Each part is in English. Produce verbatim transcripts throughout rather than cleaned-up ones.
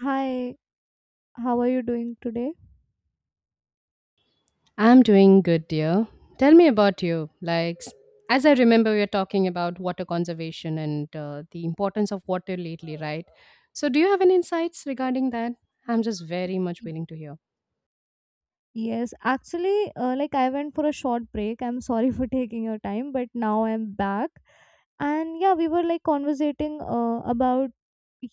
Hi, how are you doing today? I'm doing good, dear. Tell me about you. Like, s- as I remember, we are talking about water conservation and uh, the importance of water lately, right? So, do you have any insights regarding that? I'm just very much willing to hear. Yes, actually, uh, like I went for a short break. I'm sorry for taking your time, but now I'm back. And yeah, we were like conversating uh, about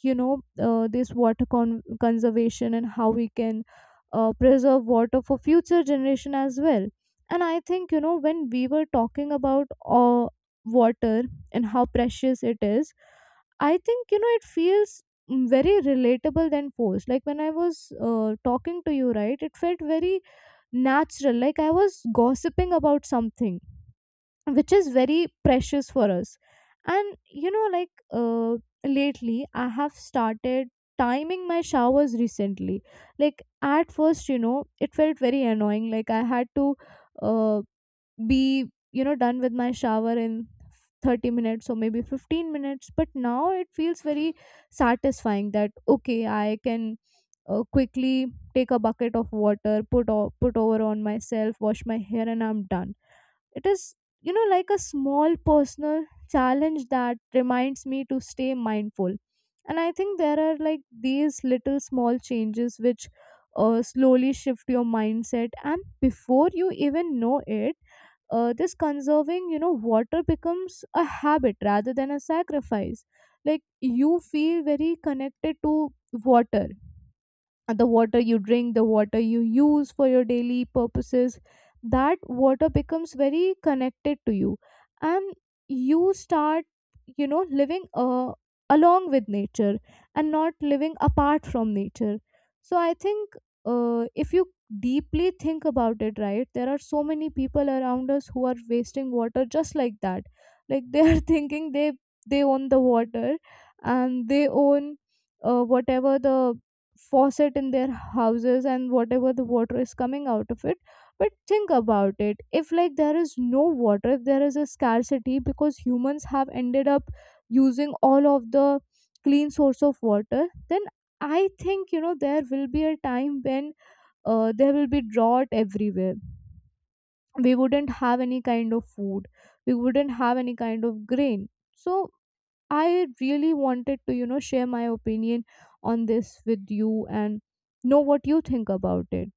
you know uh, this water con- conservation and how we can uh, preserve water for future generation as well. And I think you know when we were talking about uh, water and how precious it is, I think you know it feels mm, very relatable than forced. Like when I was uh, talking to you, right, it felt very natural, like I was gossiping about something which is very precious for us. And you know like uh, lately I have started timing my showers recently. Like at first you know it felt very annoying, like I had to uh, be you know done with my shower in thirty minutes or maybe fifteen minutes. But now it feels very satisfying, that okay I can uh, quickly take a bucket of water, put o- put over on myself, wash my hair, and I'm done. It is, you know, like a small personal challenge that reminds me to stay mindful. And I think there are like these little small changes which uh, slowly shift your mindset. And before you even know it, uh, this conserving, you know, water becomes a habit rather than a sacrifice. Like you feel very connected to water, the water you drink, the water you use for your daily purposes, that water becomes very connected to you. And you start, you know, living uh, along with nature and not living apart from nature. So I think uh, if you deeply think about it, right, there are so many people around us who are wasting water just like that. Like they are thinking they they own the water, and they own uh, whatever the faucet in their houses and whatever the water is coming out of it. But think about it, if like there is no water, if there is a scarcity because humans have ended up using all of the clean source of water, then I think you know there will be a time when uh, there will be drought everywhere. We wouldn't have any kind of food, we wouldn't have any kind of grain. So I really wanted to, you know, share my opinion on this with you and know what you think about it.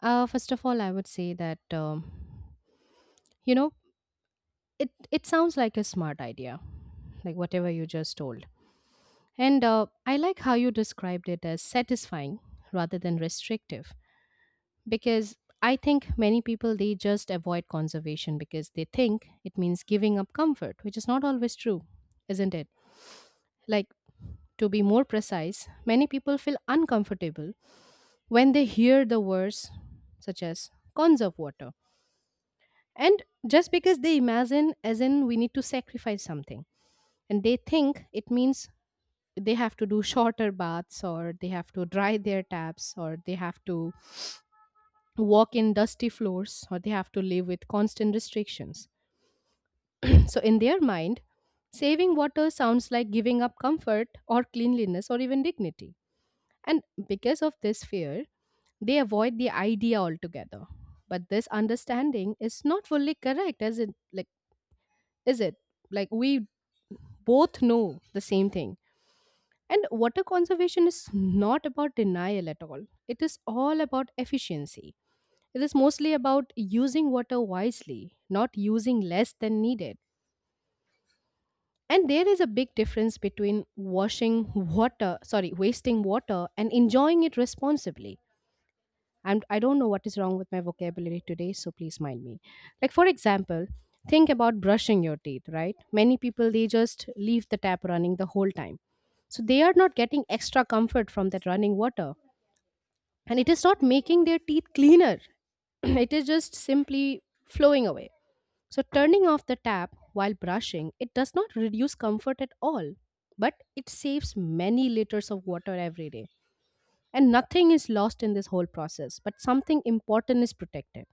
Uh, first of all, I would say that um, you know it it sounds like a smart idea, like whatever you just told, and uh, I like how you described it as satisfying rather than restrictive because I think many people they just avoid conservation because they think it means giving up comfort, which is not always true, isn't it? Like to be more precise, many people feel uncomfortable when they hear the words such as conserve water. And just because they imagine as in we need to sacrifice something and they think it means they have to do shorter baths or they have to dry their taps or they have to walk in dusty floors or they have to live with constant restrictions. So, in their mind, saving water sounds like giving up comfort or cleanliness or even dignity. And because of this fear, they avoid the idea altogether. But this understanding is not fully correct, as it like is it? Like we both know the same thing. And water conservation is not about denial at all. It is all about efficiency. It is mostly about using water wisely, not using less than needed. And there is a big difference between washing water, sorry, wasting water and enjoying it responsibly. And I don't know what is wrong with my vocabulary today, so please mind me. Like for example, think about brushing your teeth, right? Many people they just leave the tap running the whole time. So they are not getting extra comfort from that running water. And it is not making their teeth cleaner. It is just simply flowing away. So, turning off the tap while brushing, it does not reduce comfort at all, but it saves many liters of water every day. And nothing is lost in this whole process, but something important is protected.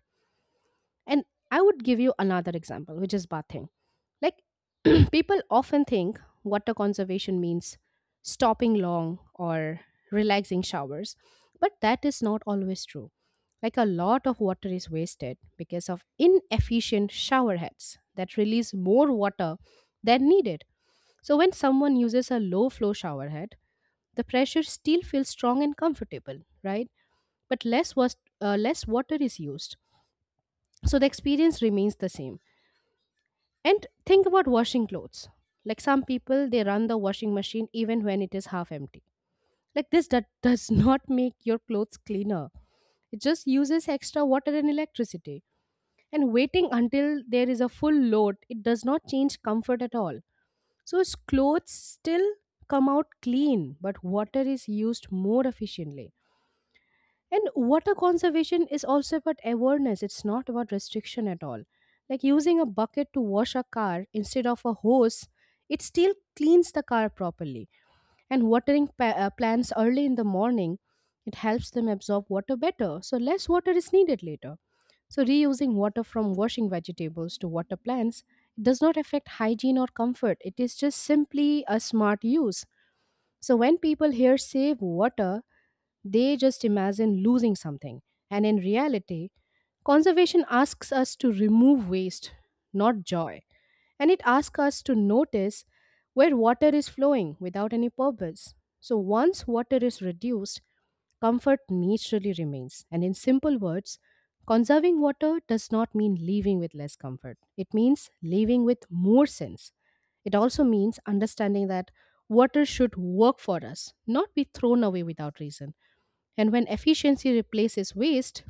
And I would give you another example, which is bathing. Like people often think water conservation means stopping long or relaxing showers, but that is not always true. Like a lot of water is wasted because of inefficient shower heads that release more water than needed. So when someone uses a low flow shower head, the pressure still feels strong and comfortable, right? But less was uh, less water is used. So the experience remains the same and think about washing clothes. Like some people, they run the washing machine even when it is half empty. Like this that does not make your clothes cleaner. It just uses extra water and electricity. And waiting until there is a full load, it does not change comfort at all. So its clothes still come out clean, but water is used more efficiently. And water conservation is also about awareness, it's not about restriction at all. Like using a bucket to wash a car instead of a hose, it still cleans the car properly. And watering pa- uh, plants early in the morning, it helps them absorb water better, so less water is needed later. So, reusing water from washing vegetables to water plants does not affect hygiene or comfort, it is just simply a smart use. So, when people hear save water, they just imagine losing something. And in reality, conservation asks us to remove waste, not joy. And it asks us to notice where water is flowing without any purpose. So once water is reduced, comfort naturally remains. And in simple words, conserving water does not mean leaving with less comfort, it means leaving with more sense. It also means understanding that water should work for us, not be thrown away without reason. And when efficiency replaces waste,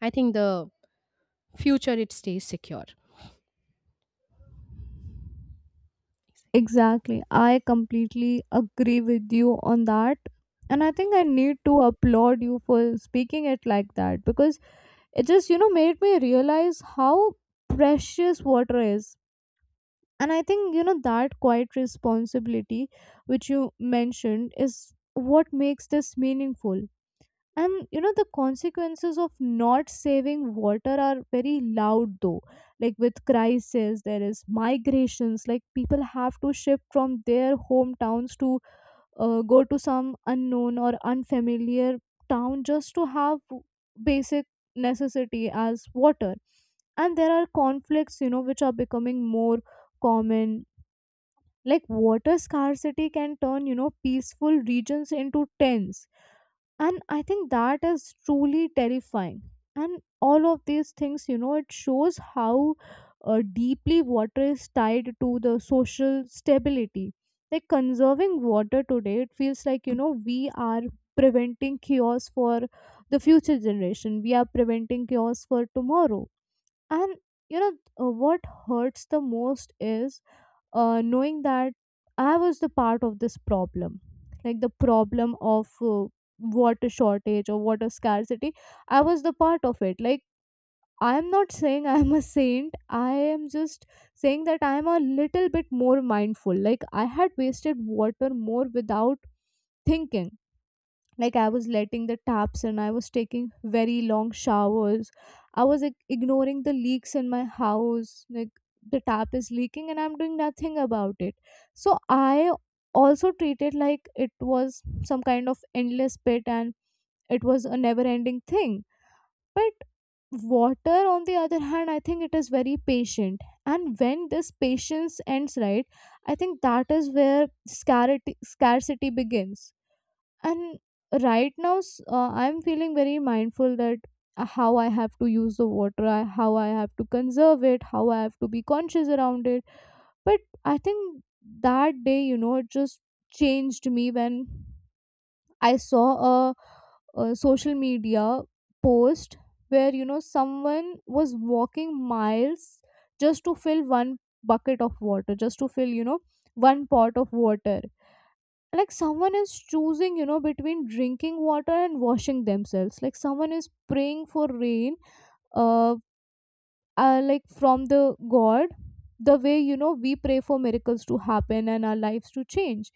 I think the future it stays secure. Exactly. I completely agree with you on that. And I think I need to applaud you for speaking it like that because it just, you know, made me realize how precious water is. And I think you know that quiet responsibility which you mentioned is what makes this meaningful. And you know the consequences of not saving water are very loud though. Like with crisis there is migrations, like people have to shift from their hometowns to uh, go to some unknown or unfamiliar town just to have basic necessity as water. And there are conflicts you know which are becoming more common. Like water scarcity can turn you know peaceful regions into tents, and I think that is truly terrifying. And all of these things you know it shows how uh, deeply water is tied to the social stability. Like conserving water today, it feels like you know we are preventing chaos for the future generation, we are preventing chaos for tomorrow. And you know uh, what hurts the most is uh, knowing that I was the part of this problem, like the problem of uh, water shortage or water scarcity, I was the part of it. Like, I am not saying I am a saint, I am just saying that I am a little bit more mindful. Like, I had wasted water more without thinking. Like I was letting the taps in, I was taking very long showers, I was like, ignoring the leaks in my house, like the tap is leaking and I'm doing nothing about it. So I also treated like it was some kind of endless pit, and it was a never ending thing. But water, on the other hand, I think it is very patient. And when this patience ends, right, I think that is where scarcity scarcity begins. And right now, s- uh, I'm feeling very mindful that uh, how I have to use the water, I- how I have to conserve it, how I have to be conscious around it. But I think that day you know it just changed me when I saw a, a social media post, where you know someone was walking miles just to fill one bucket of water, just to fill you know one pot of water. Like someone is choosing you know between drinking water and washing themselves, like someone is praying for rain, uh, uh like from the god, the way you know we pray for miracles to happen and our lives to change.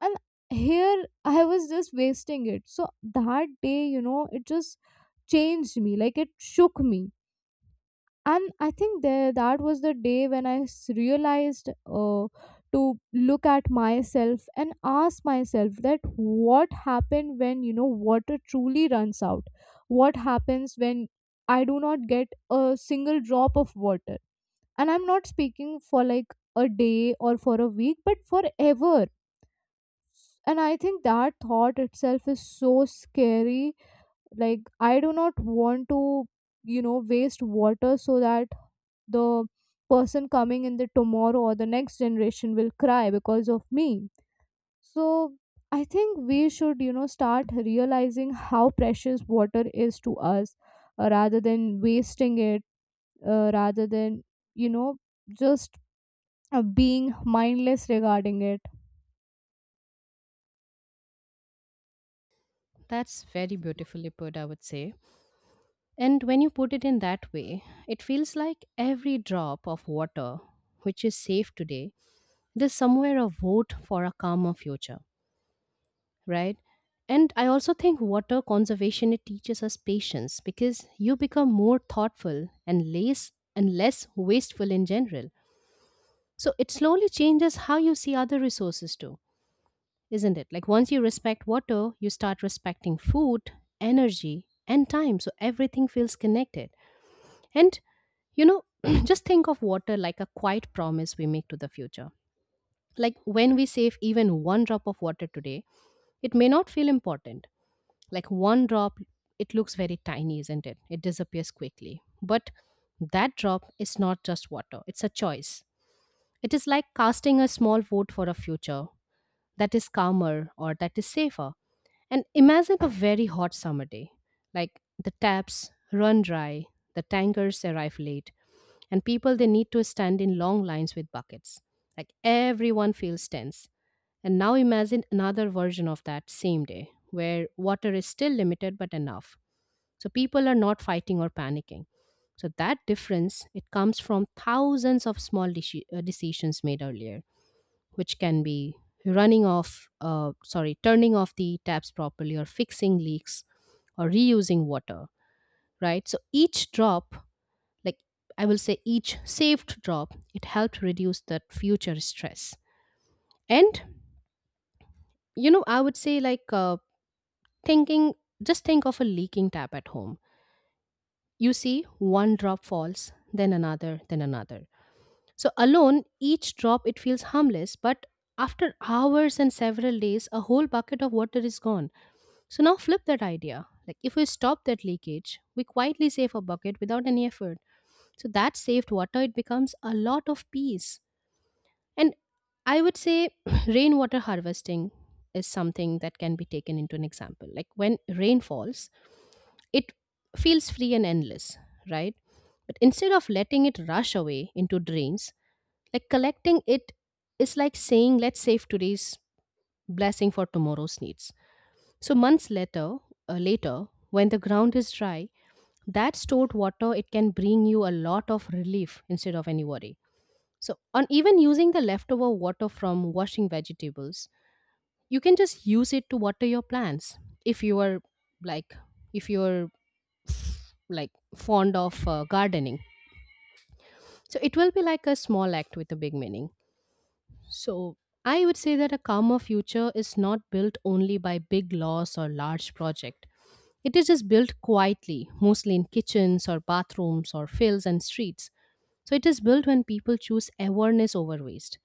And here I was just wasting it. So that day you know it just changed me, like it shook me. And I think that that was the day when I s- realized, uh, to look at myself and ask myself that, what happened when you know water truly runs out? What happens when I do not get a single drop of water? And I'm not speaking for like a day or for a week, but forever. And I think that thought itself is so scary. Like I do not want to you know waste water so that the person coming in the tomorrow or the next generation will cry because of me. So I think we should you know start realizing how precious water is to us, uh, rather than wasting it, uh, rather than you know just uh, being mindless regarding it. That's very beautifully put, I would say. And when you put it in that way, it feels like every drop of water which is saved today, it is somewhere a vote for a calmer future, right? And I also think water conservation it teaches us patience because you become more thoughtful and less and less wasteful in general. So it slowly changes how you see other resources too isn't it? Like once you respect water, you start respecting food, energy, and time. So everything feels connected. And, you know, just think of water like a quiet promise we make to the future. Like when we save even one drop of water today, it may not feel important. Like one drop, it looks very tiny, isn't it? It disappears quickly. But that drop is not just water, it's a choice. It is like casting a small vote for a future that is calmer or that is safer and imagine a very hot summer day. Like the taps run dry, the tankers arrive late, and people they need to stand in long lines with buckets. Like everyone feels tense. And now imagine another version of that same day where water is still limited but enough. So people are not fighting or panicking. So that difference it comes from thousands of small deci- uh, decisions made earlier which can be running off, uh, sorry, turning off the taps properly or fixing leaks or reusing water, right? So each drop, like I will say each saved drop, it helped reduce that future stress. And, you know, I would say like uh, thinking, just think of a leaking tap at home. You see one drop falls, then another, then another. So alone, each drop, it feels harmless, but after hours and several days, a whole bucket of water is gone. So now flip that idea. Like if we stop that leakage, we quietly save a bucket without any effort. So that saved water, it becomes a lot of peace. And I would say rainwater harvesting is something that can be taken into an example. Like when rain falls, it feels free and endless, right? But instead of letting it rush away into drains, like collecting it is like saying, let's save today's blessing for tomorrow's needs so months later, uh, later when the ground is dry, that stored water it can bring you a lot of relief instead of any worry. So on even using the leftover water from washing vegetables, you can just use it to water your plants. If you are like if you're like fond of uh, gardening, so it will be like a small act with a big meaning. So I would say that a calmer future is not built only by big loss or large project. It is just built quietly, mostly in kitchens or bathrooms or fields and streets. So it is built when people choose awareness over waste.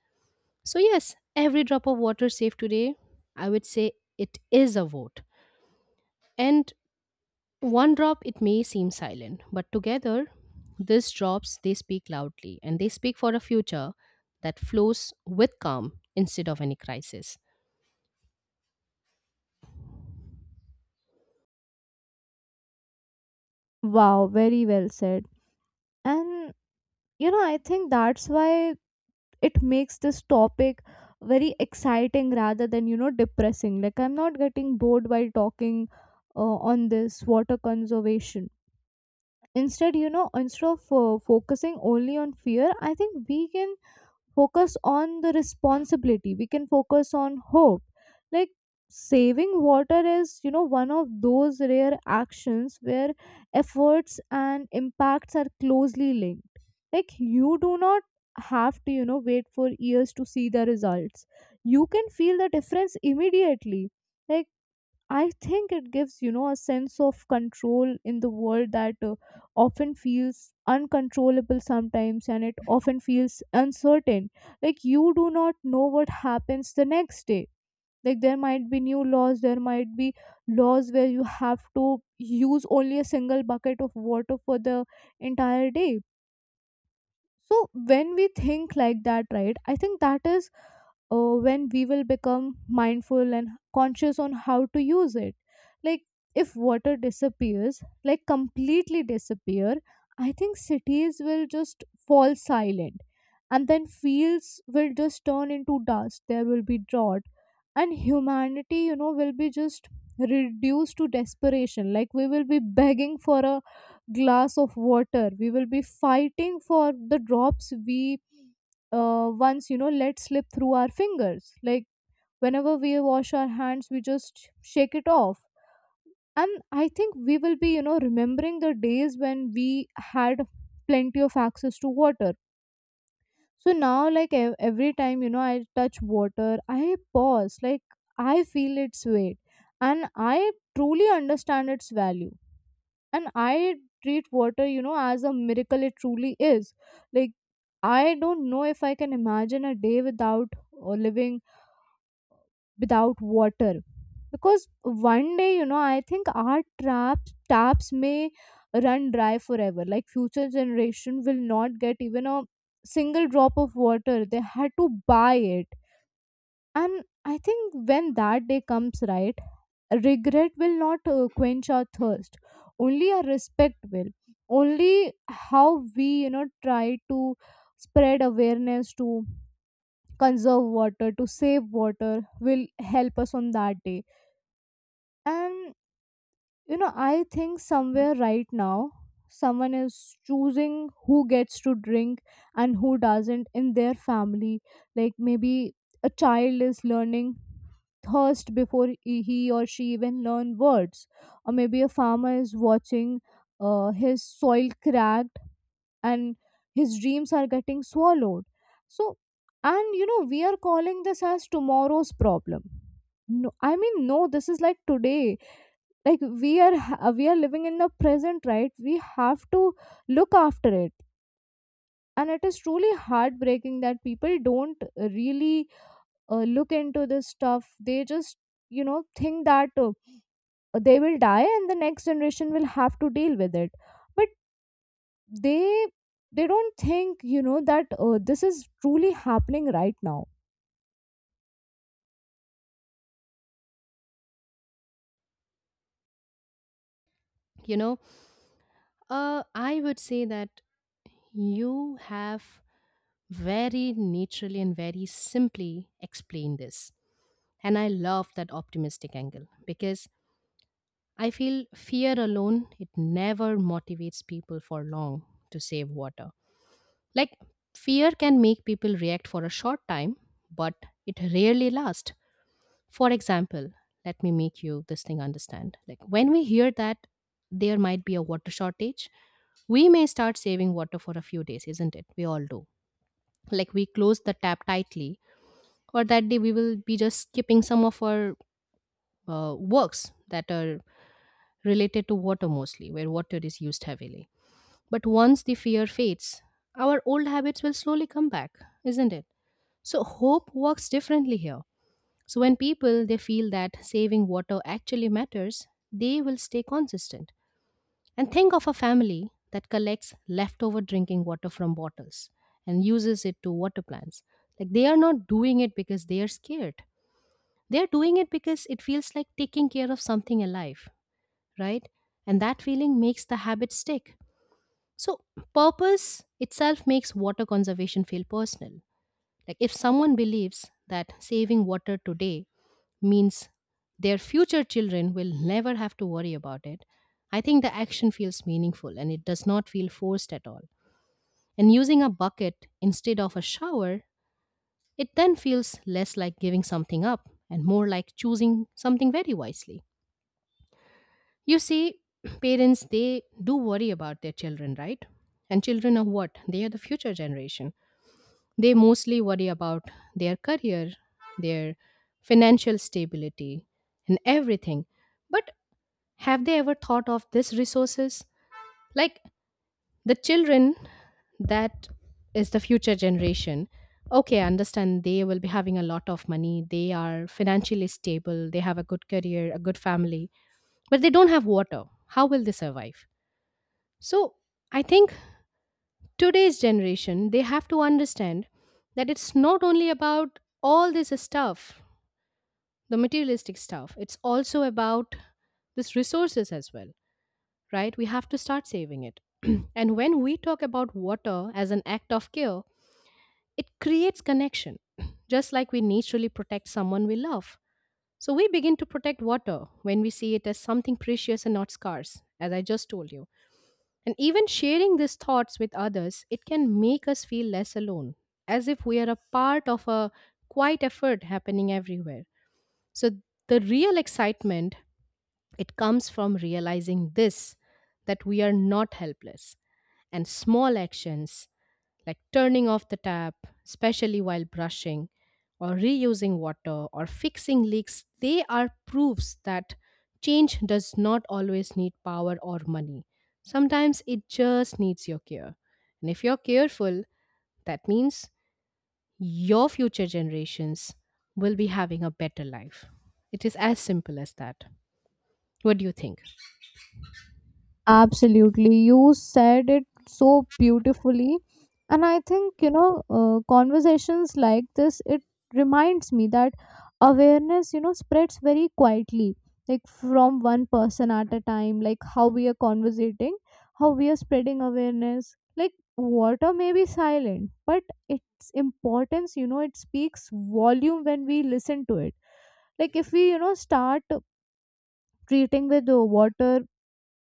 So, yes, every drop of water saved today, I would say it is a vote. And one drop, it may seem silent, but together, these drops, they speak loudly and they speak for a future that flows with calm instead of any crisis. Wow, very well said. And you know I think that's why it makes this topic very exciting rather than you know depressing. Like I'm not getting bored while talking uh, on this water conservation. Instead you know instead of uh, focusing only on fear, I think we can focus on the responsibility, we can focus on hope. Like saving water is you know one of those rare actions where efforts and impacts are closely linked. Like you do not have to you know wait for years to see the results, you can feel the difference immediately. Like I think it gives, you know, a sense of control in the world that uh, often feels uncontrollable sometimes and it often feels uncertain. Like, you do not know what happens the next day. Like, there might be new laws, there might be laws where you have to use only a single bucket of water for the entire day. So when we think like that, right, I think that is uh, when we will become mindful and conscious on how to use it. Like if water disappears, like completely disappear, I think cities will just fall silent, and then fields will just turn into dust. There will be drought, and humanity you know will be just reduced to desperation. Like we will be begging for a glass of water, we will be fighting for the drops we uh, once you know let slip through our fingers. Like whenever we wash our hands we just shake it off. And I think we will be you know remembering the days when we had plenty of access to water. So now, like ev- every time you know I touch water, I pause, like I feel its weight, and I truly understand its value, and I treat water you know as a miracle it truly is. Like I don't know if I can imagine a day without, or living without water. Because one day you know I think our traps taps may run dry forever. Like future generation will not get even a single drop of water, they had to buy it. And I think when that day comes, right, regret will not uh, quench our thirst, only our respect will. Only how we you know try to spread awareness, to conserve water, to save water, will help us on that day. And you know I think somewhere right now someone is choosing who gets to drink and who doesn't in their family. Like maybe a child is learning thirst before he he or she even learn words. Or maybe a farmer is watching uh, his soil cracked and his dreams are getting swallowed. So, and you know we are calling this as tomorrow's problem. No, I mean, no, this is like today. Like we are ha- we are living in the present, right, we have to look after it. And it is truly heartbreaking that people don't really uh, look into this stuff, they just you know think that uh, they will die and the next generation will have to deal with it. But they they don't think you know that uh, this is truly happening right now. You know, uh, I would say that you have very naturally and very simply explain this. And I love that optimistic angle because I feel fear alone, it never motivates people for long to save water. Like fear can make people react for a short time, but it rarely lasts. For example, let me make you this thing understand. Like when we hear that there might be a water shortage, we may start saving water for a few days, isn't it? We all do like we close the tap tightly for that day we will be just skipping some of our uh, works that are related to water mostly where water is used heavily but once the fear fades our old habits will slowly come back isn't it so hope works differently here so when people they feel that saving water actually matters they will stay consistent and think of a family that collects leftover drinking water from bottles and uses it to water plants like they are not doing it because they are scared. They're doing it because it feels like taking care of something alive, right? And that feeling makes the habit stick. So, purpose itself makes water conservation feel personal. Like, if someone believes that saving water today means their future children will never have to worry about it, I think the action feels meaningful and it does not feel forced at all. And using a bucket instead of a shower, it then feels less like giving something up and more like choosing something very wisely. You see, parents, they do worry about their children, right? And children are what? They are the future generation. They mostly worry about their career, their financial stability, and everything. But have they ever thought of these resources? Like the children that is the future generation. Okay, I understand they will be having a lot of money. They are financially stable. They have a good career, a good family, but they don't have water. How will they survive? So I think today's generation, they have to understand that it's not only about all this stuff, the materialistic stuff, it's also about this resources as well, right? We have to start saving it. And when we talk about water as an act of care, it creates connection, just like we naturally protect someone we love. So we begin to protect water when we see it as something precious and not scarce, as I just told you. And even sharing these thoughts with others, it can make us feel less alone, as if we are a part of a quiet effort happening everywhere. So the real excitement, it comes from realizing this that we are not helpless and small actions like turning off the tap, especially while brushing, or reusing water, or fixing leaks, they are proofs that change does not always need power or money. Sometimes it just needs your care. And if you're careful, that means your future generations will be having a better life. It is as simple as that. What do you think? Absolutely. You said it so beautifully. And I think, you know, uh, conversations like this, it reminds me that awareness, you know, spreads very quietly, like from one person at a time, like how we are conversating, how we are spreading awareness. Like water may be silent, but its importance, you know, it speaks volume when we listen to it. Like if we, you know, start treating with the water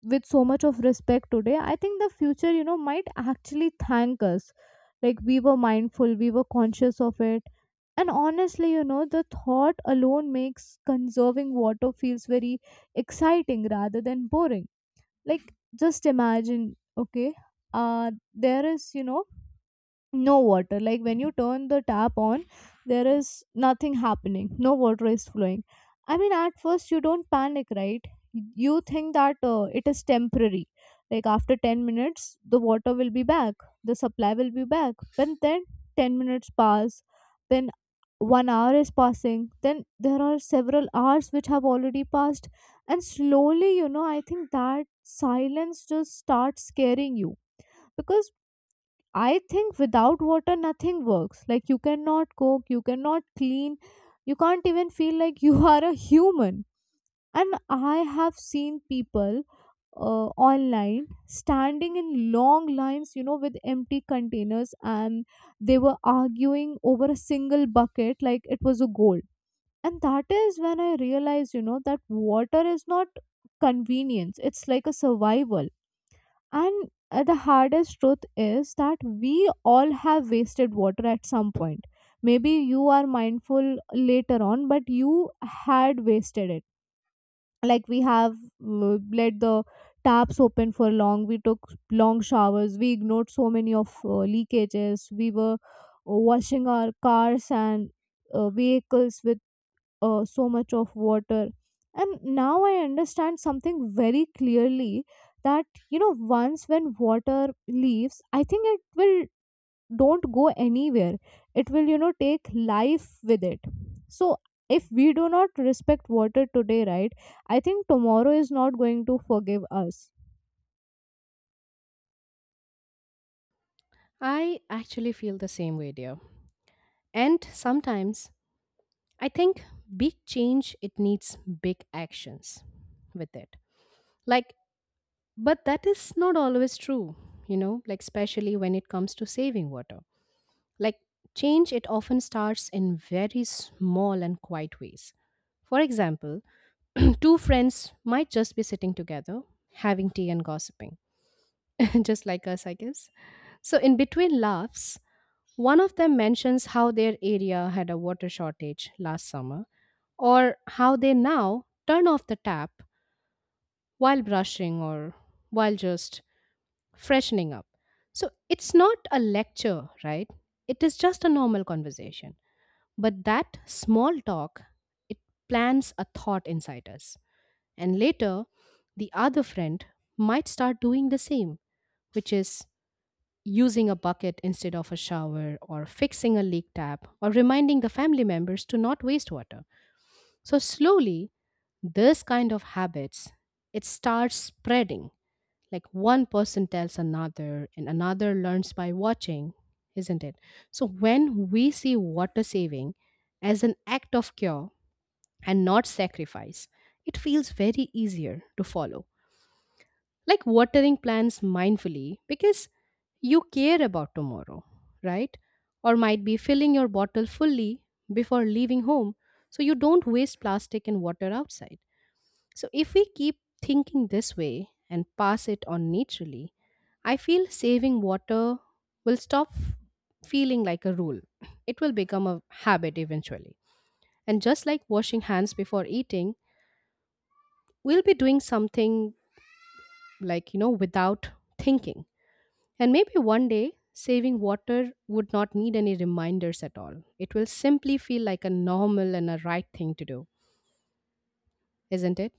with so much of respect today, I think the future, you know might actually thank us, like we were mindful, we were conscious of it. And honestly, you know the thought alone makes conserving water feels very exciting rather than boring. Like just imagine, okay, uh there is, you know no water, like when you turn the tap on there is nothing happening, no water is flowing. I mean, at first you don't panic, right? You think that uh, it is temporary, like after ten minutes the water will be back, the supply will be back. But then ten minutes pass, then one hour is passing, then there are several hours which have already passed. And slowly, you know I think that silence just starts scaring you. Because I think without water, nothing works. Like, you cannot cook, you cannot clean, you can't even feel like you are a human. And I have seen people uh, online standing in long lines, you know, with empty containers, and they were arguing over a single bucket like it was a gold. And that is when I realized, you know, that water is not convenience, it's like a survival. And uh, the hardest truth is that we all have wasted water at some point. Maybe you are mindful later on, but you had wasted it. Like we have uh, let the taps open for long, we took long showers, we ignored so many of uh, leakages, we were uh, washing our cars and uh, vehicles with uh, so much of water. And now I understand something very clearly, that you know, once when water leaves, I think it will don't go anywhere, it will, you know, take life with it. So if we do not respect water today, right, I think tomorrow is not going to forgive us. I actually feel the same way, dear. And sometimes I think big change it needs big actions with it. Like, but that is not always true, you know, like especially when it comes to saving water. Like, change it often starts in very small and quiet ways. For example, two friends might just be sitting together having tea and gossiping, just like us, I guess. So in between laughs, one of them mentions how their area had a water shortage last summer, or how they now turn off the tap while brushing or while just freshening up. So it's not a lecture, right? It is just a normal conversation. But that small talk, it plants a thought inside us. And later, the other friend might start doing the same, which is using a bucket instead of a shower, or fixing a leak tap, or reminding the family members to not waste water. So slowly, this kind of habits it starts spreading. Like one person tells another, and another learns by watching, isn't it? So when we see water saving as an act of cure and not sacrifice, it feels very easier to follow, like watering plants mindfully because you care about tomorrow, right? Or might be filling your bottle fully before leaving home so you don't waste plastic and water outside. So, if we keep thinking this way and pass it on naturally, I feel saving water will stop feeling like a rule. It will become a habit eventually. And just like washing hands before eating, we'll be doing something like, you know, without thinking. And maybe one day, saving water would not need any reminders at all. It will simply feel like a normal and a right thing to do, isn't it?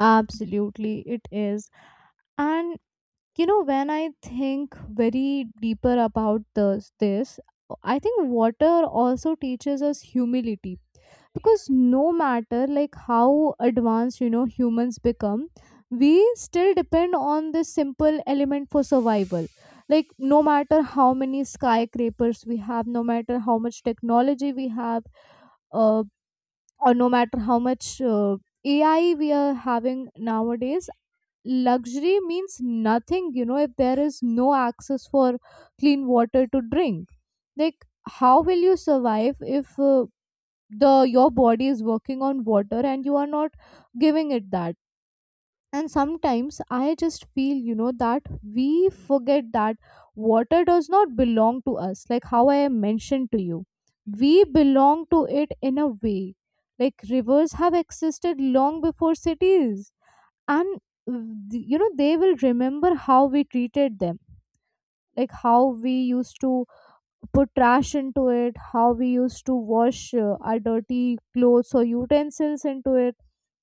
Absolutely, it is. And you know, when I think very deeper about this this I think water also teaches us humility, because no matter like how advanced, you know, humans become, we still depend on this simple element for survival. Like no matter how many skyscrapers we have, no matter how much technology we have, uh, or no matter how much uh, AI we are having nowadays, luxury means nothing, you know, if there is no access for clean water to drink. Like how will you survive if uh, the your body is working on water and you are not giving it that? And sometimes I just feel, you know, that we forget that water does not belong to us. Like how I mentioned to you, we belong to it in a way. Like rivers have existed long before cities, and th- you know, they will remember how we treated them. Like how we used to put trash into it, how we used to wash uh, our dirty clothes or utensils into it.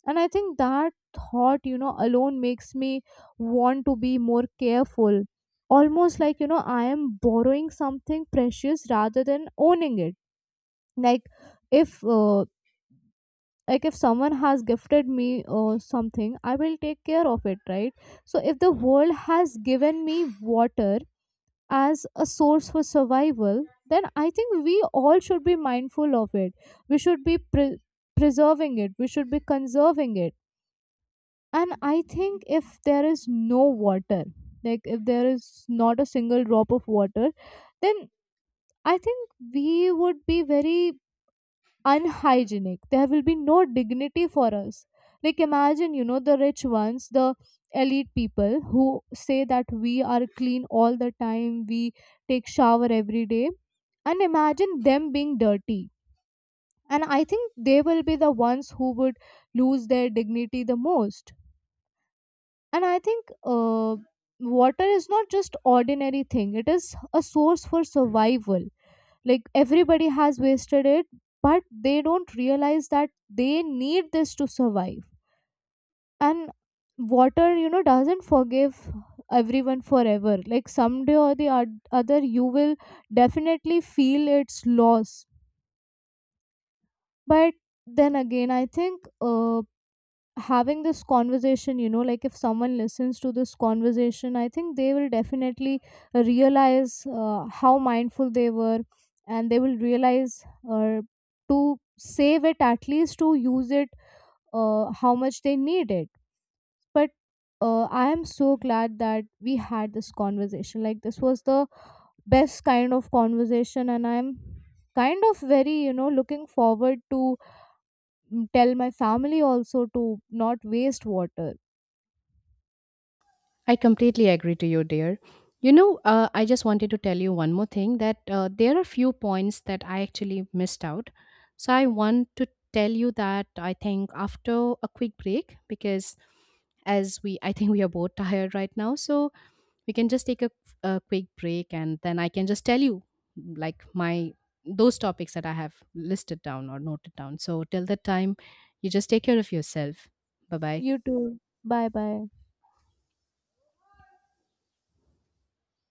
And I think that thought, you know, alone makes me want to be more careful, almost like, you know, I am borrowing something precious rather than owning it. Like if uh, like if someone has gifted me uh, something, I will take care of it, right? So if the world has given me water as a source for survival, then I think we all should be mindful of it. We should be pre- preserving it, we should be conserving it. And I think if there is no water, like if there is not a single drop of water, then I think we would be very unhygienic. There will be no dignity for us. Like, imagine, you know, the rich ones, the elite people who say that we are clean all the time, we take shower every day, and imagine them being dirty. And I think they will be the ones who would lose their dignity the most. And I think uh, water is not just ordinary thing; it is a source for survival. Like everybody has wasted it, but they don't realize that they need this to survive. And water, you know, doesn't forgive everyone forever. Like someday or the od- other, you will definitely feel its loss. But then again, I think uh, having this conversation, you know, like if someone listens to this conversation, I think they will definitely realize uh, how mindful they were, and they will realize uh, to save it, at least to use it, uh, how much they need it. But uh, I am so glad that we had this conversation. Like this was the best kind of conversation, and I'm kind of very, you know, looking forward to mm, tell my family also to not waste water. I completely agree to you, dear. You know, uh, I just wanted to tell you one more thing, that uh, there are few points that I actually missed out. So I want to tell you that I think after a quick break, because as we, I think we are both tired right now. So we can just take a, a quick break, and then I can just tell you like my those topics that I have listed down or noted down. So till that time, you just take care of yourself. Bye bye. You too. Bye bye.